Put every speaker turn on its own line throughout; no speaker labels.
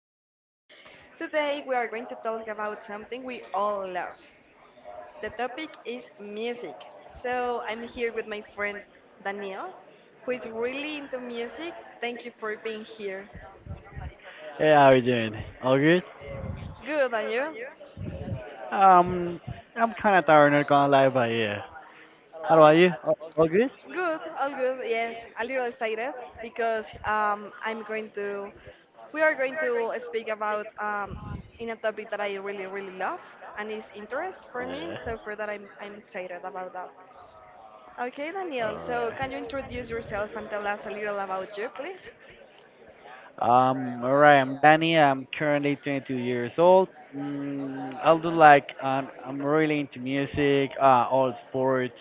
host. Today, we are going to talk about something we all love. The topic is music. So, I'm here with my friend Daniel, who is really into music. Thank you for being here.
Hey, how are you doing? All good?
Good, and you?
Um, I'm kind of tired, not gonna lie, but yeah. How about you?
Oh,
All good?
good, all good. Yes, a little excited because I'm going to, we are going to speak about in a topic that I really, really love and is interest for me.
Yeah.
So for that, I'm excited about that. Okay,
All
Daniel. So can you
right.
introduce yourself and tell us a little about you, please?
All right. I'm Danny. I'm currently 22 years old. I do like I'm really into music, all sports.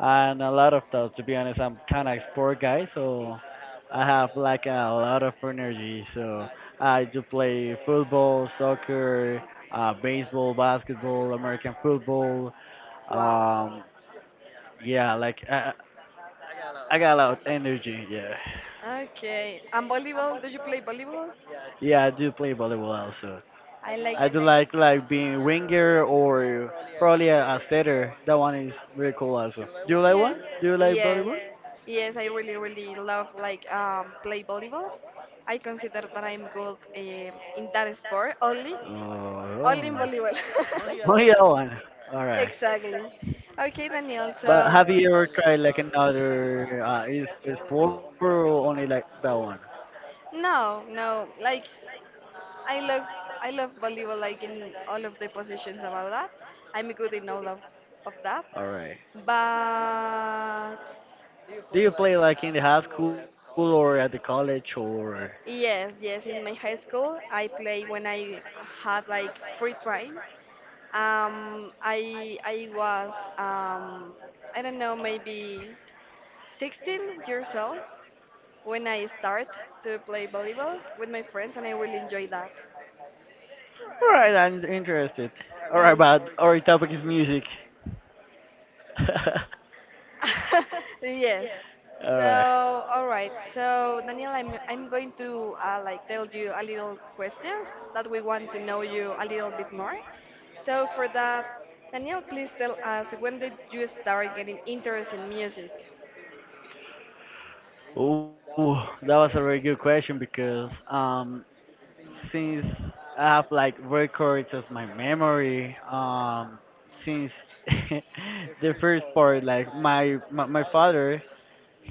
And a lot of thoughts. To be honest, I'm kind of sport guy, so I have like a lot of energy. So I do play football, soccer, baseball, basketball, American football.
Wow.
Um, yeah, like I got a lot of energy. Yeah,
Okay. And volleyball? Do you play volleyball?
yeah, I do play volleyball also.
I
I
like.
do like being winger or probably a setter. That one is really cool also. Do you like one?
Yes.
Do you like
Yes.
volleyball?
Yes, I really, really love like play volleyball. I consider that I'm good in that sport only, only in
Oh.
volleyball.
Oh yeah, one. All right.
Exactly. Okay, Daniel.
But
So.
have you ever tried like another? Is four or only like that one?
No, no. Like I love, I love volleyball like in all of the positions about that. I'm good in all of that.
All right.
But
Do you play like in the high school or at the college or?
yes, yes, in my high school I play when I had like free time. I was I don't know maybe 16 years old when I start to play volleyball with my friends and I really enjoy that.
All right, I'm interested. All right,
The-
but our topic is music.
Yes. So,
All right.
all right. So, Daniel, I'm going to like tell you a little questions that we want to know you a little bit more. So, for that, Daniel, please tell us, when did you start getting interest in music?
Ooh, that was a very good question because since I have like records as my memory, since the first part, like my father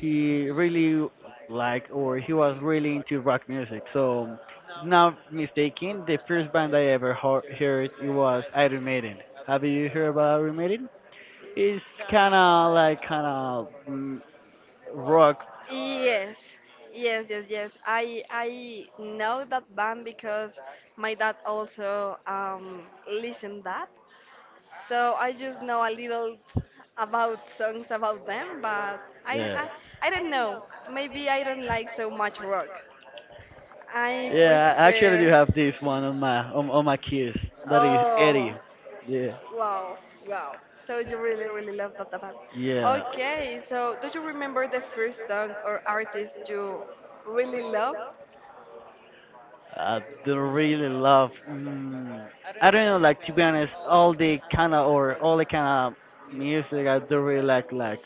he really liked or he was really into rock music. So, not mistaken, the first band I ever heard it was Iron Maiden. Have you heard about Iron Maiden? It's kind of like kind of rock
Yes,
hard. Yeah,
yes, yes, yes. I know that band because my dad also listened that, so I just know a little about songs about them, but I,
yeah,
I, I don't know. Maybe I don't like so much rock. I
yeah. I actually do
prefer.
have this one on my on my keys. That is Eddie.
Oh,
Yeah,
wow, wow. So you really, really love that band.
yeah.
Okay, so do you remember the first song or artist you really loved?
I do really love. I don't know, like to be honest, all the kind of or all the kind of music I do really like. Like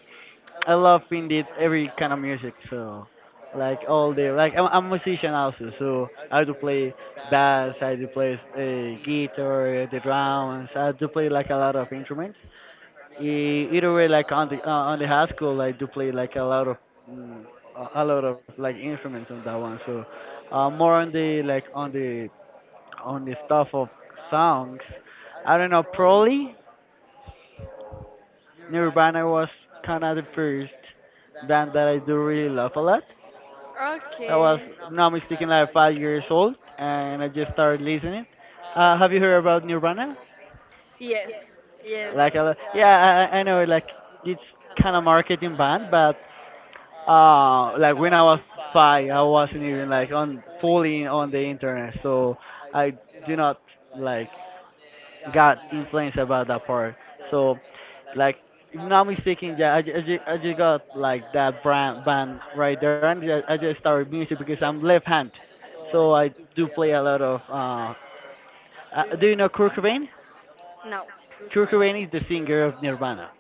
I love indeed every kind of music. So like all the like I'm a musician also. So I do play bass, I do play guitar, the drums. I do play like a lot of instruments. Either way, like on the high school, I do play like a lot of mm, a lot of like instruments on that one. So more on the like on the stuff of songs. I don't know, probably Nirvana was kind of the first band that I do really love a lot. I was,
Okay.
now I'm speaking like 5 years old, and I just started listening. Have you heard about Nirvana?
Yes. Yes.
Like, yeah, I know, like, it's kind of marketing band, but like when I was five, I wasn't even like on fully on the internet, so I do not like got influenced about that part. So, like, if not mistaken, yeah, I just got like that brand band right there, and I just started music because I'm left hand, so I do play a lot of. Do you know Kurt Cobain?
No.
Kurt Cobain is the singer of Nirvana,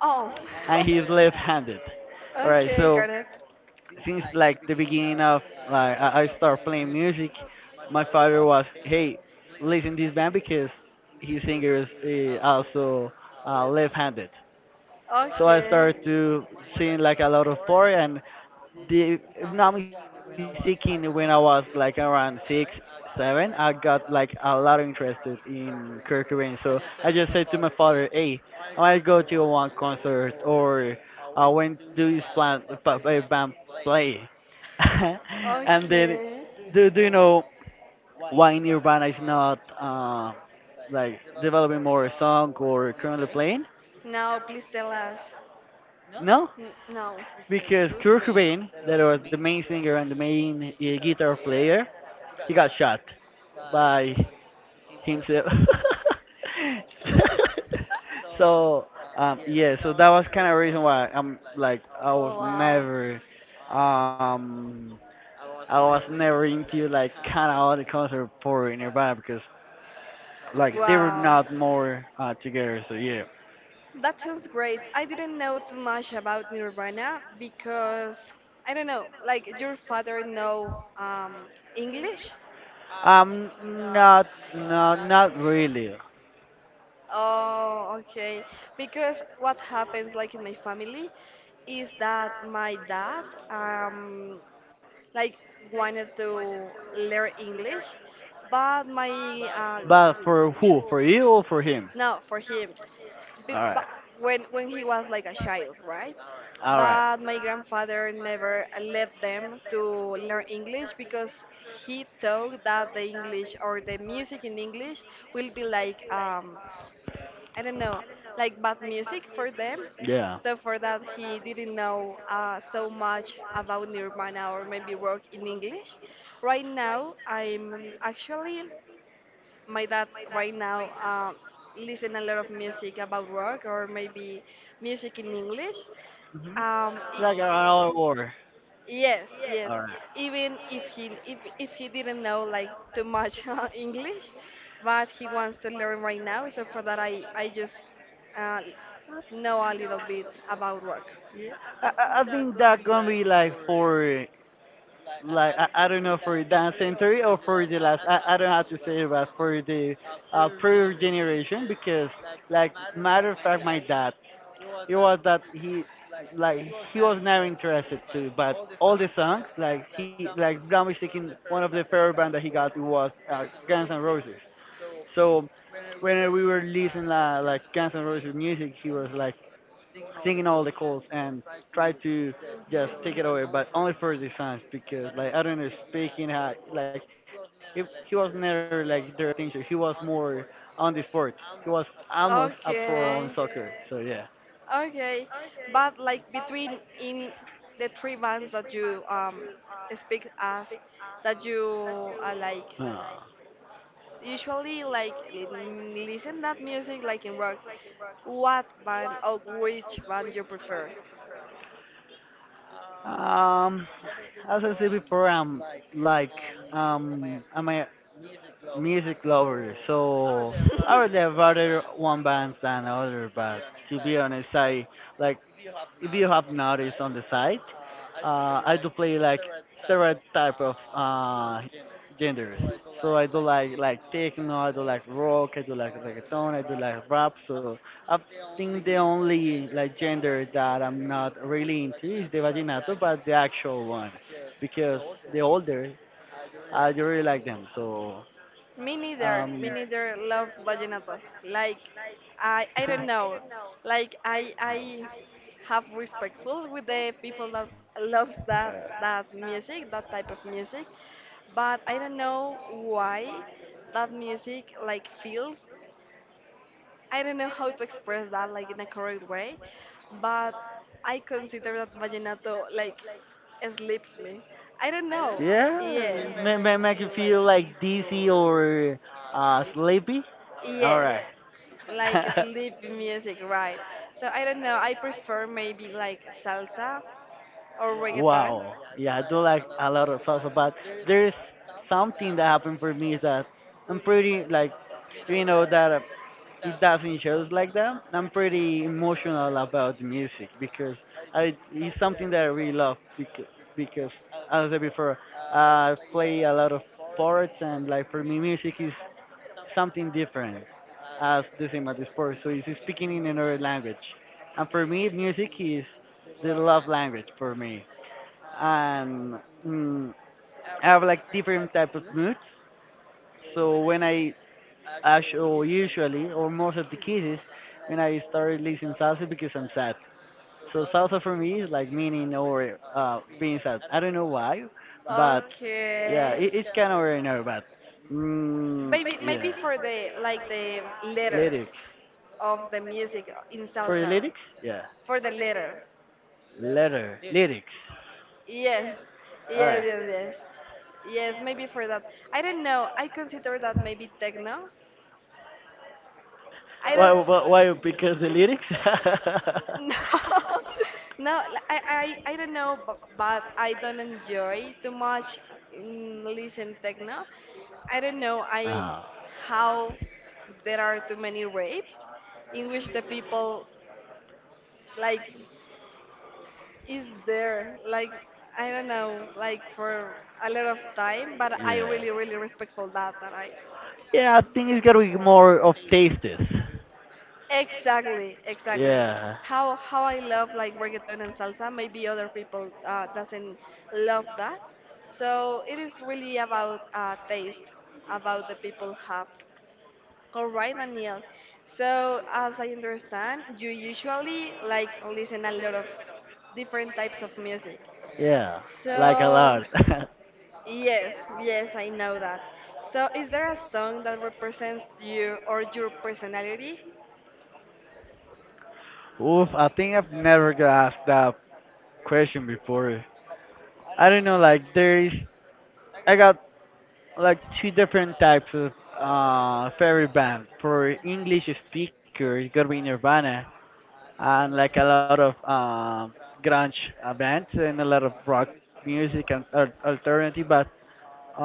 Oh.
and he's left-handed. All right,
Okay,
so
got it.
since like the beginning of like I start playing music, my father was, hey, listen to this band because his singer is also left-handed.
So
So I
okay.
started to seeing like a lot of porn and the if not mistaken when I was like around six, seven, I got like a lot of interested in Kurt Cobain. So I just said to my father, hey, I might go to one concert or when do this plan band play? And then
Okay.
do you know why Nirvana is not like developing more song or currently playing?
Now please tell us.
No?
N- no.
Because Kurt Cobain, that was the main singer and the main guitar player, he got shot by himself. So
Uh,
yeah, so that was kind of reason why I'm like
oh wow.
um, I was never into like kind of all the concert for Nirvana because like they were
Wow.
not more together. So yeah,
That sounds great. I didn't know too much about Nirvana because I don't know, like your father know English.
um, not, not really.
Oh, okay. Because what happens, like in my family, is that my dad, like wanted to learn English, but my uh,
But for who? For you or for him?
no, for him, b-
All
but
right.
when he was like a child, right?
All right.
But my grandfather never let them to learn English because he thought that the English or the music in English will be like I don't know, like bad music for them.
Yeah.
So for that, he didn't know so much about Nirvana or maybe work in English. Right now, I'm actually my dad right now listen a lot of music about work or maybe music in English.
That, mm-hmm. Like
I-
around war.
yes, yes.
All right.
Even if he didn't know like too much English, but he wants to learn right now. So for that, I just uh, know a little bit about work.
I think that gonna be like for like I don't know for that century or for the last I don't have to say it, but for the prior generation because like matter of fact my dad it was that he like he was never interested to but all the songs like he like Brahms taking one of the favorite band that he got was Guns N' Roses so when we were listening like Guns N' Roses music, he was like singing all the calls and tried to just take it away, but only for the songs because like I don't know speaking how like if he was never like their attention. He was more on the sport. He was almost a pro on
Okay,
soccer. So yeah.
okay. But like between in the three bands that you speak as that you like
Uh,
usually like l- listen that music like in rock. What band or which band you prefer?
Um, as I said before, I'm like I'm a music lovers,
Would
so
say.
I would have rather one band than other. But to be honest, I like if you have noticed on the site, I do play like several type of genders. So I do like techno, I do like rock, I do like reggaeton, I do like rap. So I think the only like gender that I'm not really into is the vaginato, but the actual one, because the older I do really like them. So
Me neither.
um,
Me neither love vallenato. Like I don't know. Like I have respectful with the people that loves that, that music, that type of music. But I don't know why that music like feels, I don't know how to express that like in a correct way, but I consider that vallenato like sleeps me. I don't, yeah,
know.
know. May, yes,
Yeah,
may.
may make you feel like dizzy or sleepy. All
Yes.
right.
Like sleepy music, right? So I don't know. I prefer maybe like salsa or wow reggaeton.
Wow. Yeah, I do like a lot of salsa, but there's something that happened for me is that I'm pretty like, you know that it doesn't shows like that. I'm pretty emotional about the music because I it's something that I really love because as I said before, I play a lot of sports and like for me music is something different as the same as the sport. So it's speaking in another language. And for me music is the love language for me. And mm, I have like different type of moods. So when I actually, or usually, or most of the cases, when I start listening salsa because I'm sad. So salsa for me is like meaning or being sad. I don't know why, but
This
yeah,
okay.
it's kind of ordinary, but mm,
Maybe maybe
yeah,
for the like the letter
lyrics.
of the music in the
For the
salsa.
lyrics, yeah,
For the letter.
letter. Letter lyrics.
Yes.
All
Yes,
right.
yes, yes. Yes, maybe for that. I don't know. I consider that maybe techno. I
Why?
don't.
Why? Why because the lyrics.
No, I don't know, but I don't enjoy too much listen techno. I don't know, I
Ah,
how there are too many rapes in which the people like is there like, I don't know like for a lot of time, but I
yeah.
really really respectful that and like
Yeah, I think it's gonna be more of tastes.
exactly, exactly
Yeah,
how I love like reggaeton and salsa maybe other people doesn't love that, so it is really about taste about the people have. All right, Daniel. So as I understand you usually like listen a lot of different types of music.
yeah, like a
So
lot.
yes, yes, I know that. So, is there a song that represents you or your personality?
Oof, I think I've never got asked that question before. I don't know, like there is, I got like two different types of favorite bands. For English speakers, it's gonna be Nirvana, and like a lot of grunge bands and a lot of rock music and alternative. But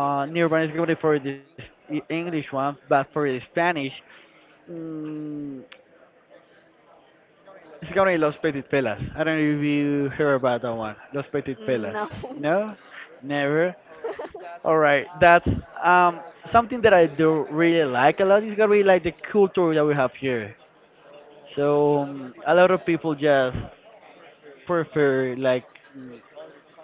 Nirvana is gonna be for this English one, but for the Spanish, Mm, it's gonna be Los Petit Pelas. I don't know if you heard about that one. Los Petit Pelas.
No.
No? Never? Alright, that's um something that I do really like a lot. It's gonna be like the culture that we have here. So a lot of people just prefer like mm,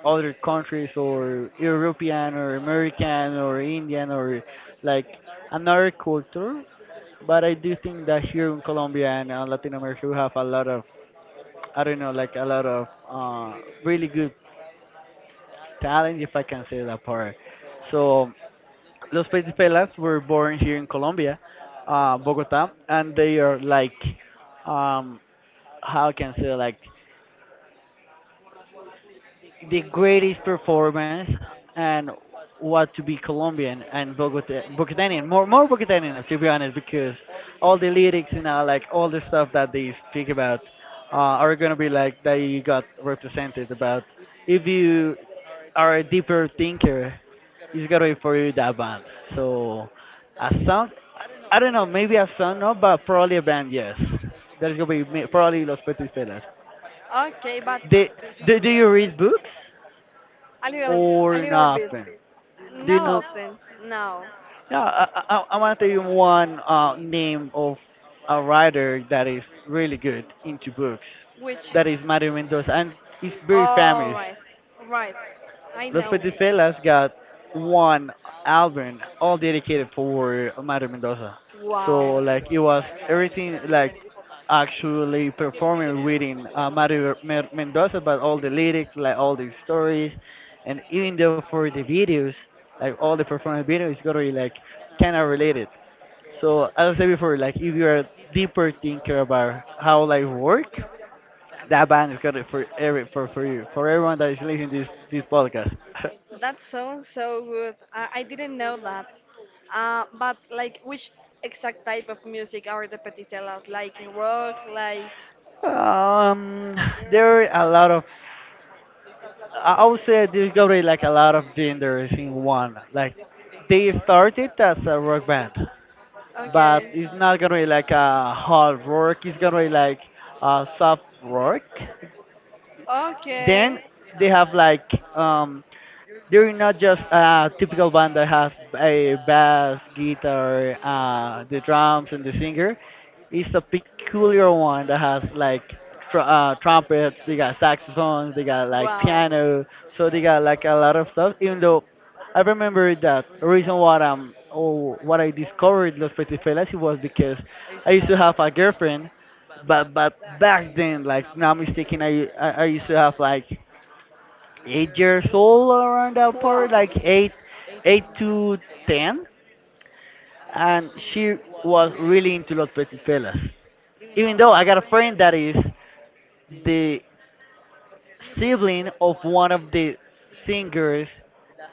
other countries or European or American or Indian or like another culture. But I do think that here in Colombia and Latin America we have a lot of I don't know, like a lot of uh, really good talent, if I can say that part. So Los Petipelas were born here in Colombia, Bogota, and they are like, um, how I can say, like the greatest performance and what to be Colombian and Bogota, Bogotanian, more Bogotanian to be honest, because all the lyrics, you know, like all the stuff that they speak about, are gonna be like that you got represented about if you are a deeper thinker, it's gonna be for you that band. So a song, I don't know, maybe a song, no, but probably a band, yes. That's gonna be probably Los Petit Fellas.
Okay, but
Do,
a
do you read books
little, a
or
little bit.
nothing? Do you
Not
know?
often. No.
Yeah, I want to tell you one name of a writer that is really good into books.
Which?
That is Mario Mendoza, and he's very
All
famous.
right, right. I
Los
know.
Petifelas got one album all dedicated for Mario Mendoza.
So like
So
wow.
like it was everything like actually performing reading Mario Mendoza, but all the lyrics, like all the stories, and even though for the videos, like all the performance videos, it's gonna be like kind of related. So as I said before, like if you are deeper thinker about how life work, that band is gonna for every for you for everyone that is listening this podcast.
That sounds so good. I didn't know that. But like, which exact type of music are the peticelas? Like rock, like
Um, there are a lot of. I would say there's gonna be like a lot of genders in one. Like they started as a rock band, but
okay.
it's not gonna be like a hard rock. It's gonna be like a soft rock. Then
Okay.
they have like um they're not just a typical band that has a bass, guitar, the drums, and the singer. It's a peculiar one that has like trumpets. They got saxophones. They got like
Wow.
piano. So they got like a lot of stuff. Even though I remember that reason what oh what I discovered Los Petifelas was because I used to have a girlfriend, but back then like now mistaken I used to have like 8 years old around that part, like 8, 8 to 10, and she was really into Los Petipelas. Even though I got a friend that is the sibling of one of the singers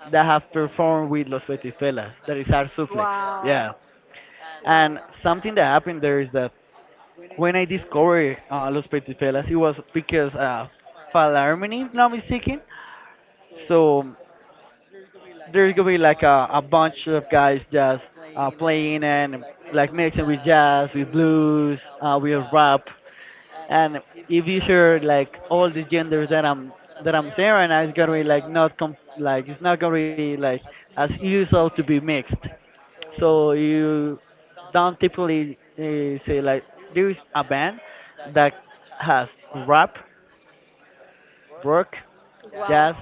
that have performed with Los Petipelas, that is our Suplex. Yeah.
Wow. Wow.
And
Wow.
something that happened there is that when I discovered Los Petipelas, it was because Falarmini, if not mistaken. So there's gonna be like a bunch of guys just playing and like mixing with jazz, with blues, with rap, and if you hear like all the genders that I'm saying right now, it's gonna be like not com- like it's not gonna be like as usual to be mixed. So you don't typically say like there's a band that has rap, rock,
Wow.
jazz,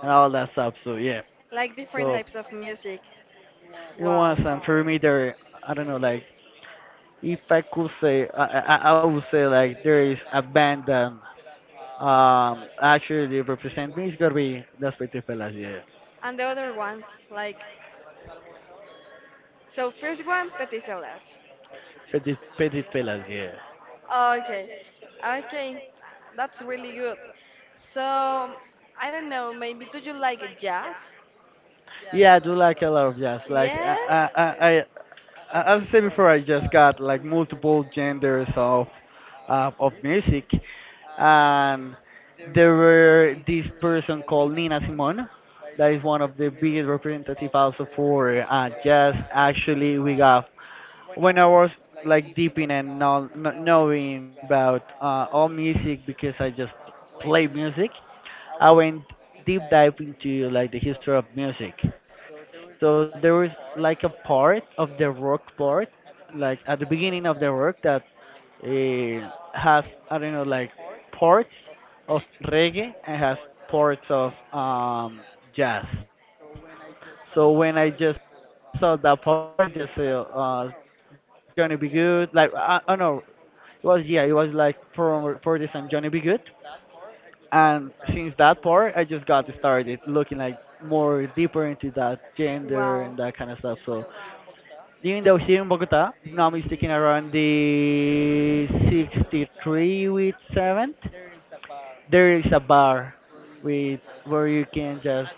and all that stuff. So yeah,
Like
so
different types of music.
it was
Wow.
a perimeter. I don't know, like if I could say, I would say like there is a band that actually represent me. It's gonna be that's Petit Fellas, yeah.
And the other ones, like, so first one, petisolas.
Petit Fellas, yeah.
Okay, okay, that's really good. So, I don't know, maybe do you like jazz?
Yeah, I do like a lot of jazz. Like I I
Yes.
I, I as I said before, I just got like multiple genders of music, and there were this person called Nina Simone, that is one of the biggest representative also for jazz. Actually, we got when I was like deep in and not knowing about all music because I just play music. I went deep dive into like the history of music. So there was like a part of the rock part, like at the beginning of the rock that has I don't know like parts of reggae and has parts of jazz. So when I just saw that part, I just saw Johnny B. Good, like I don't know, it was yeah, it was like for this and Johnny B. Good and since that part, I just got started looking like more deeper into that gender and that kind of
Wow.
stuff. So even though here in Bogota, if not mistaken, around the 63 with 7th, there is a bar with where you can just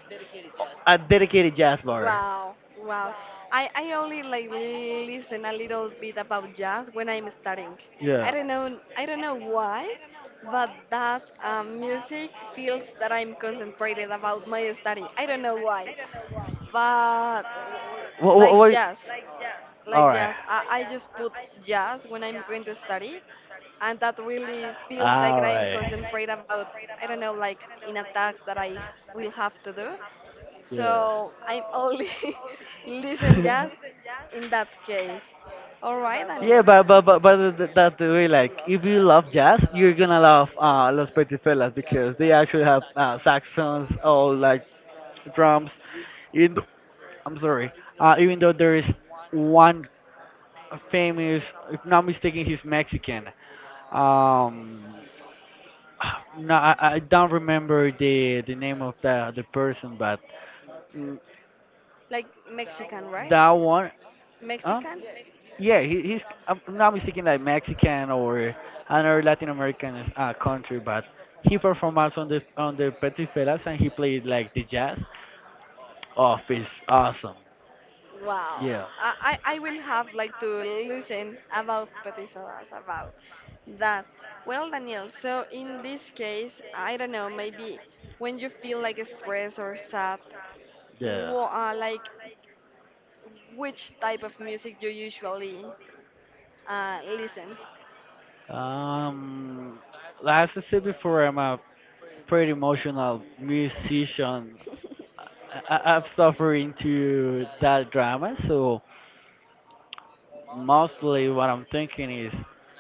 a dedicated jazz bar.
Wow, wow. I only like listen a little bit about jazz when I'm studying.
Yeah.
I don't know, I don't know why, but that music feels that I'm concentrated about my study. I don't know why, but
What? What?
like
What
jazz,
all
like
right.
jazz. I just put jazz when I'm going to study, and that really feels like
All
I'm
right.
concentrated about, I don't know like in a task that I will have to do.
Yeah.
So I'm only listen
I
jazz in that case. All right,
Yeah,
Daniel.
that's the way. Like, if you love jazz, you're gonna love Los Petit Fellas because they actually have saxophones or like drums. In I'm sorry. Even though there is one famous, if not mistaken, he's Mexican. Um, No, I don't remember the name of the person, but mm,
Like Mexican, right?
that one, huh?
Mexican?
Yeah, he, he's. I'm not mistaken, like Mexican or another Latin American country, but he performed also on the Petit Felas and he played like the jazz. Oh, it's awesome.
Wow.
Yeah,
I will have like to listen about petisodas about that. Well, Daniel, so in this case, I don't know, maybe when you feel like stressed or sad,
yeah.
wha- like which type of music you usually listen?
Um, like I said before, I'm a pretty emotional musician. I, I've suffered into that drama, so mostly what I'm thinking is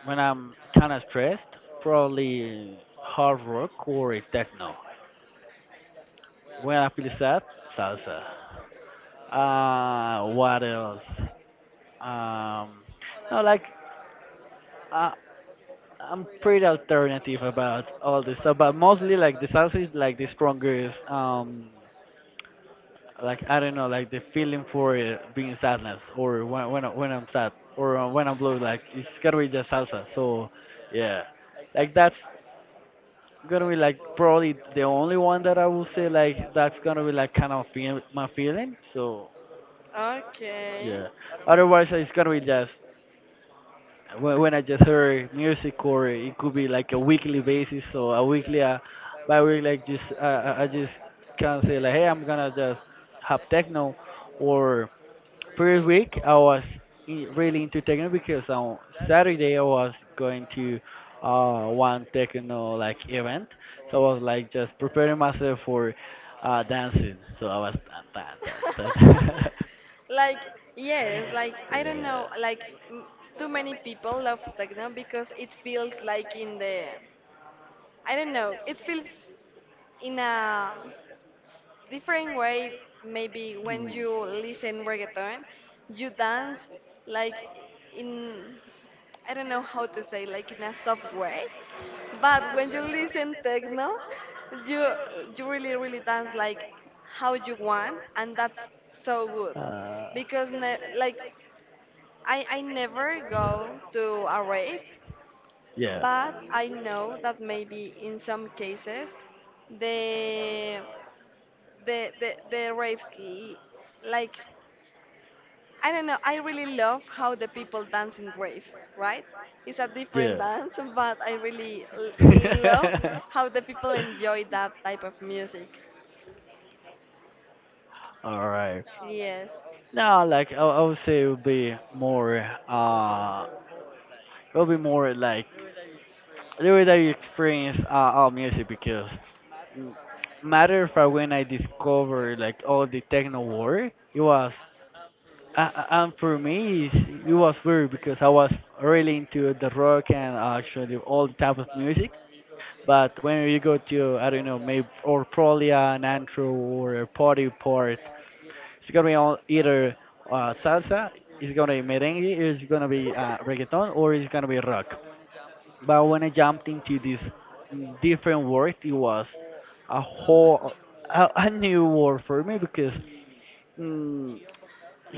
when I'm kind of stressed, probably hard rock or techno. When I feel sad, salsa. What else? Um, no, like uh, I'm pretty alternative about all this stuff, but mostly like the salsa is like the strongest. Like I don't know, like the feeling for being sadness or when I'm sad or when I'm blue, like it's gotta be just salsa. So yeah, like that's gonna be like probably the only one that I will say like that's gonna be like kind of feel my feeling. So
Okay.
yeah, otherwise it's gonna be just when I just hear music or it could be like a weekly basis. So a weekly, by week like just I just can say like hey I'm gonna just have techno or first week, I was in, really into techno because on Saturday I was going to one techno like event, so I was like just preparing myself for dancing. So I was dun, dun, dun, dun, dun.
Like, yes, like I don't
Yeah.
know, like m- too many people love techno because it feels like in the, I don't know. It feels in a different way. Maybe
Hmm.
when you listen reggaeton, you dance like in, I don't know how to say like in a soft way. But when you listen techno, you you really really dance like how you want, and that's so good
Uh,
because ne- like I never go to a rave,
yeah.
but I know that maybe in some cases the the raves l- like I don't know, I really love how the people dance in raves, right? It's a different
Yeah.
dance but I really l- love how the people enjoy that type of music.
All right.
Yes.
Now, like I would say, it would be more uh it'll be more like the way that you experience all music because matter of fact when I discovered like all the techno world it was and for me it was weird because I was really into the rock and actually all type of music but when you go to I don't know maybe or probably an antro or a party part it's gonna be all either salsa it's gonna be merengue it's gonna be reggaeton or it's gonna be rock. But when I jumped into this different world, it was a whole a new world for me because mm,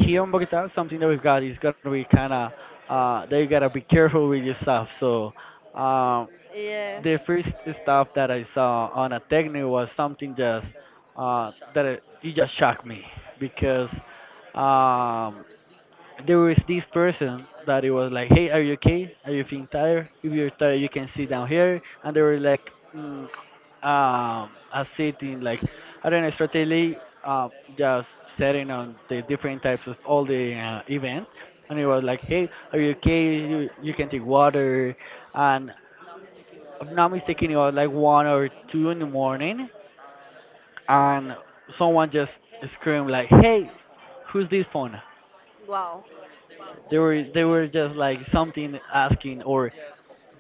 here in Bogota, something that we've got is gonna be kind of that you gotta be careful with your stuff. So uh,
Yes.
the first stuff that I saw on a technique was something just that it just shocked me because um, there was this person that it was like, hey, are you okay? Are you feeling tired? If you're tired, you can sit down here. And they were like, mm, a sitting like, I don't know, strategically, uh, just setting on the different types of all the events. And it was like, hey, are you okay? You can take water. And if I'm not mistaken, it was like one or two in the morning, and someone just screamed like, hey, who's this phone?
Wow.
They were just like something asking or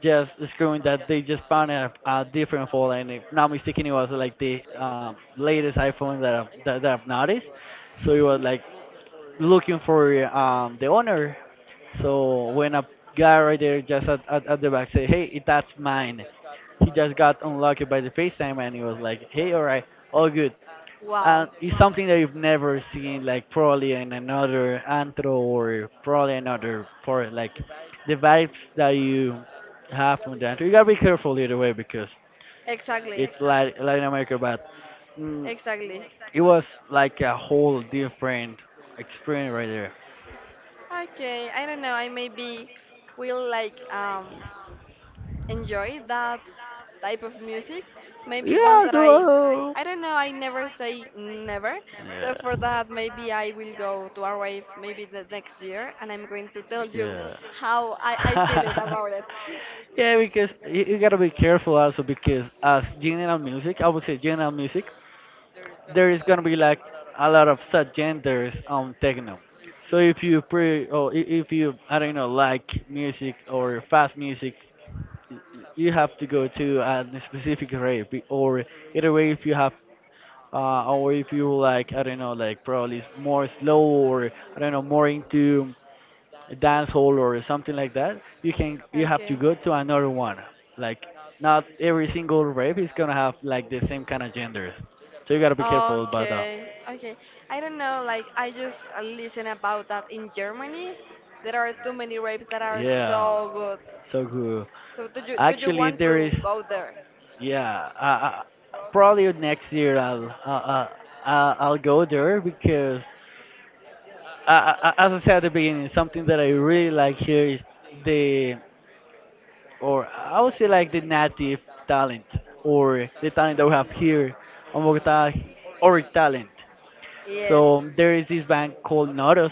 just screwing that they just found a different phone and if not mistaken it was like the latest iPhone that that I've noticed. So it was like looking for the owner. So when a guy right there just at the back said, "Hey, that's mine," he just got unlocked by the FaceTime and he was like, "Hey, all right, all good."
Wow.
It's something that you've never seen, like probably in another antro or probably another part. Like the vibes that you have from the antro. You gotta be careful either way because
Exactly.
it's like Latin America, but mm,
Exactly.
it was like a whole different experience right there.
Okay, I don't know. I maybe will like enjoy that type of music. Maybe ones
Yeah,
that
though.
I don't know, I never say never. So for
Yeah.
that, maybe I will go to our wave maybe the next year, and I'm going to tell you
Yeah.
how I feel it about it.
Yeah, because you gotta be careful also because as general music, I would say general music, there is gonna be like a lot of subgenres on techno. So if you if you I don't know like music or fast music, you have to go to a specific rave or either way if you have or if you like I don't know like probably more slow or I don't know more into dance hall or something like that, you have to
Okay.
go to another one. Like not every single rave is gonna have like the same kind of genders. So you gotta be careful about that.
Okay, okay. I don't know, like I just listen about that in Germany. There are too many rapes that are
Yeah,
so good.
so cool.
So do you, do you
Actually,
want
there is.
to go there?
Yeah, probably next year I'll go there because, as I said at the beginning, something that I really like here is the, or I would say like the native talent or the talent that we have here on Bogota, or talent.
Yes.
So there is this bank called Nordost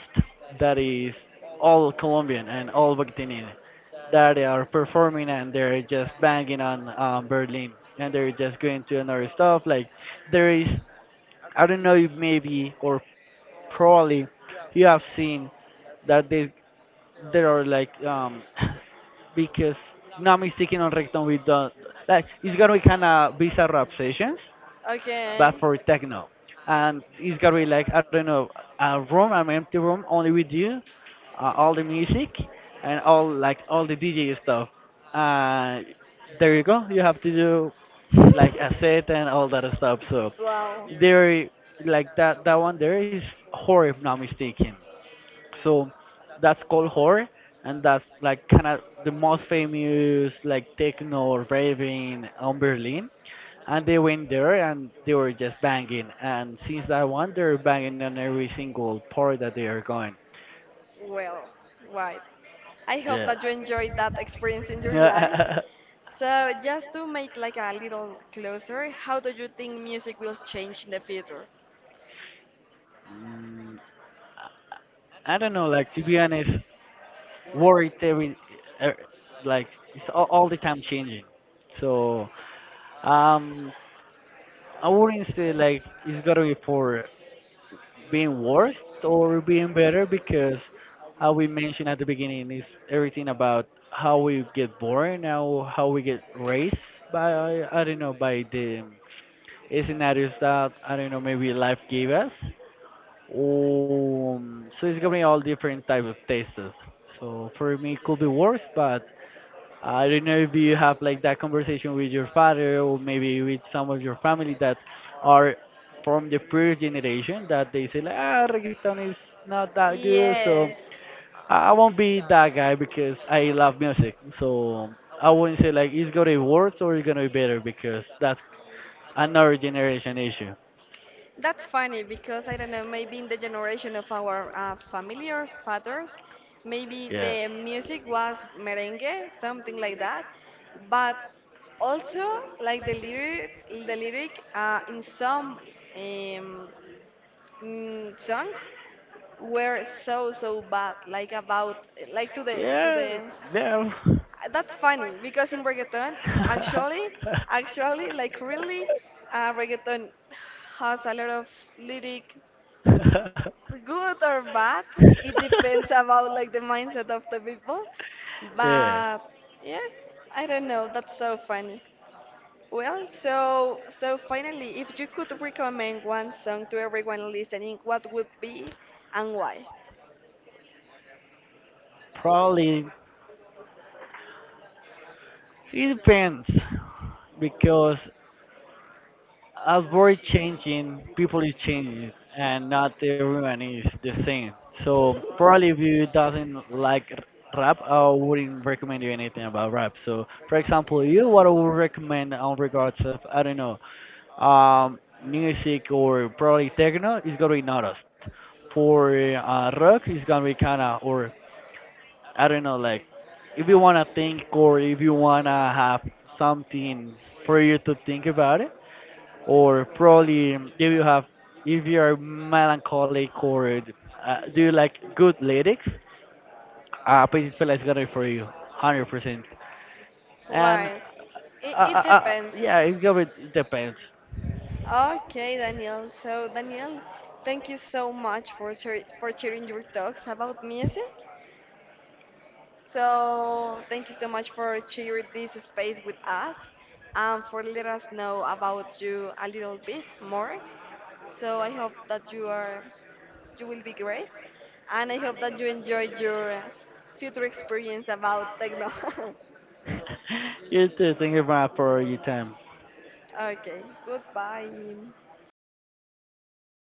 that is all Colombian and all Argentinian that are performing and they're just banging on Berlin and they're just going to another stuff. Like there is, I don't know, if maybe or probably you have seen that they there are like because not mistaken on Recton we done like it's gonna be kind of bizarre rap sessions
Okay.
but for techno. And it's gotta be like I don't know a room, an empty room, only with you, all the music, and all like all the DJ stuff. Uh, there you go. You have to do like a set and all that stuff. So
Wow.
there, like that one there is horror, if not mistaken. So that's called horror, and that's like kind of the most famous like techno or raving on Berlin. And they went there and they were just banging. And since that one, they're banging on every single part that they are going.
Well, right. I hope
Yeah.
that you enjoyed that experience in your life.
Yeah.
So, just to make like a little closer, how do you think music will change in the future?
mm, I don't know. Like to be honest, worried every, er, like it's all the time changing. So um, I wouldn't say like it's gotta be for being worse or being better because how we mentioned at the beginning is everything about how we get born, how we get raised by I don't know by the scenarios that I don't know maybe life gave us. So it's gonna be all different type of tastes. So for me it could be worse, but I don't know if you have like that conversation with your father or maybe with some of your family that are from the previous generation that they say like ah reggaeton is not that good so
Yes,
I won't be that guy because I love music so I wouldn't say like it's gonna be worse or it's gonna be better because that's another generation issue.
that's funny because I don't know, maybe in the generation of our family or fathers, maybe
Yeah.
the music was merengue, something like that. But also, like the lyric in some um, songs were so so bad like about like to the to
Yeah.
the,
Yeah.
that's funny because in reggaeton actually, actually like really reggaeton has a lot of lyric good or bad, it depends about like the mindset of the people,
Yeah.
but yes, I don't know, that's so funny. Well, so so finally, if you could recommend one song to everyone listening, what would be and why?
Probably it depends because as we're changing, people is changing, and not everyone is the same. So probably if you doesn't like rap, I
Would
wouldn't recommend
really.
you anything about rap. So for example, you what I would recommend on regards of I don't know, um, music or probably techno is gonna be noticed. For rock, it's gonna be kinda or I don't know, like if you wanna think or if you wanna have something for you to think about it, or probably if you have if you are melancholic or do you like good lyrics, Petit Fela is gonna be for you, 100%.
And
And
right. It, uh, it it uh, depends.
yeah, it's gonna be, it depends.
Depends. Okay, Daniel. So, Daniel, thank you so much for shar- for sharing your talks about music. So thank you so much for sharing this space with us and for letting us know about you a little bit more. So I hope that you are, you will be great and I hope that you enjoy your future experience about techno.
You have to think about for your time.
Okay, goodbye.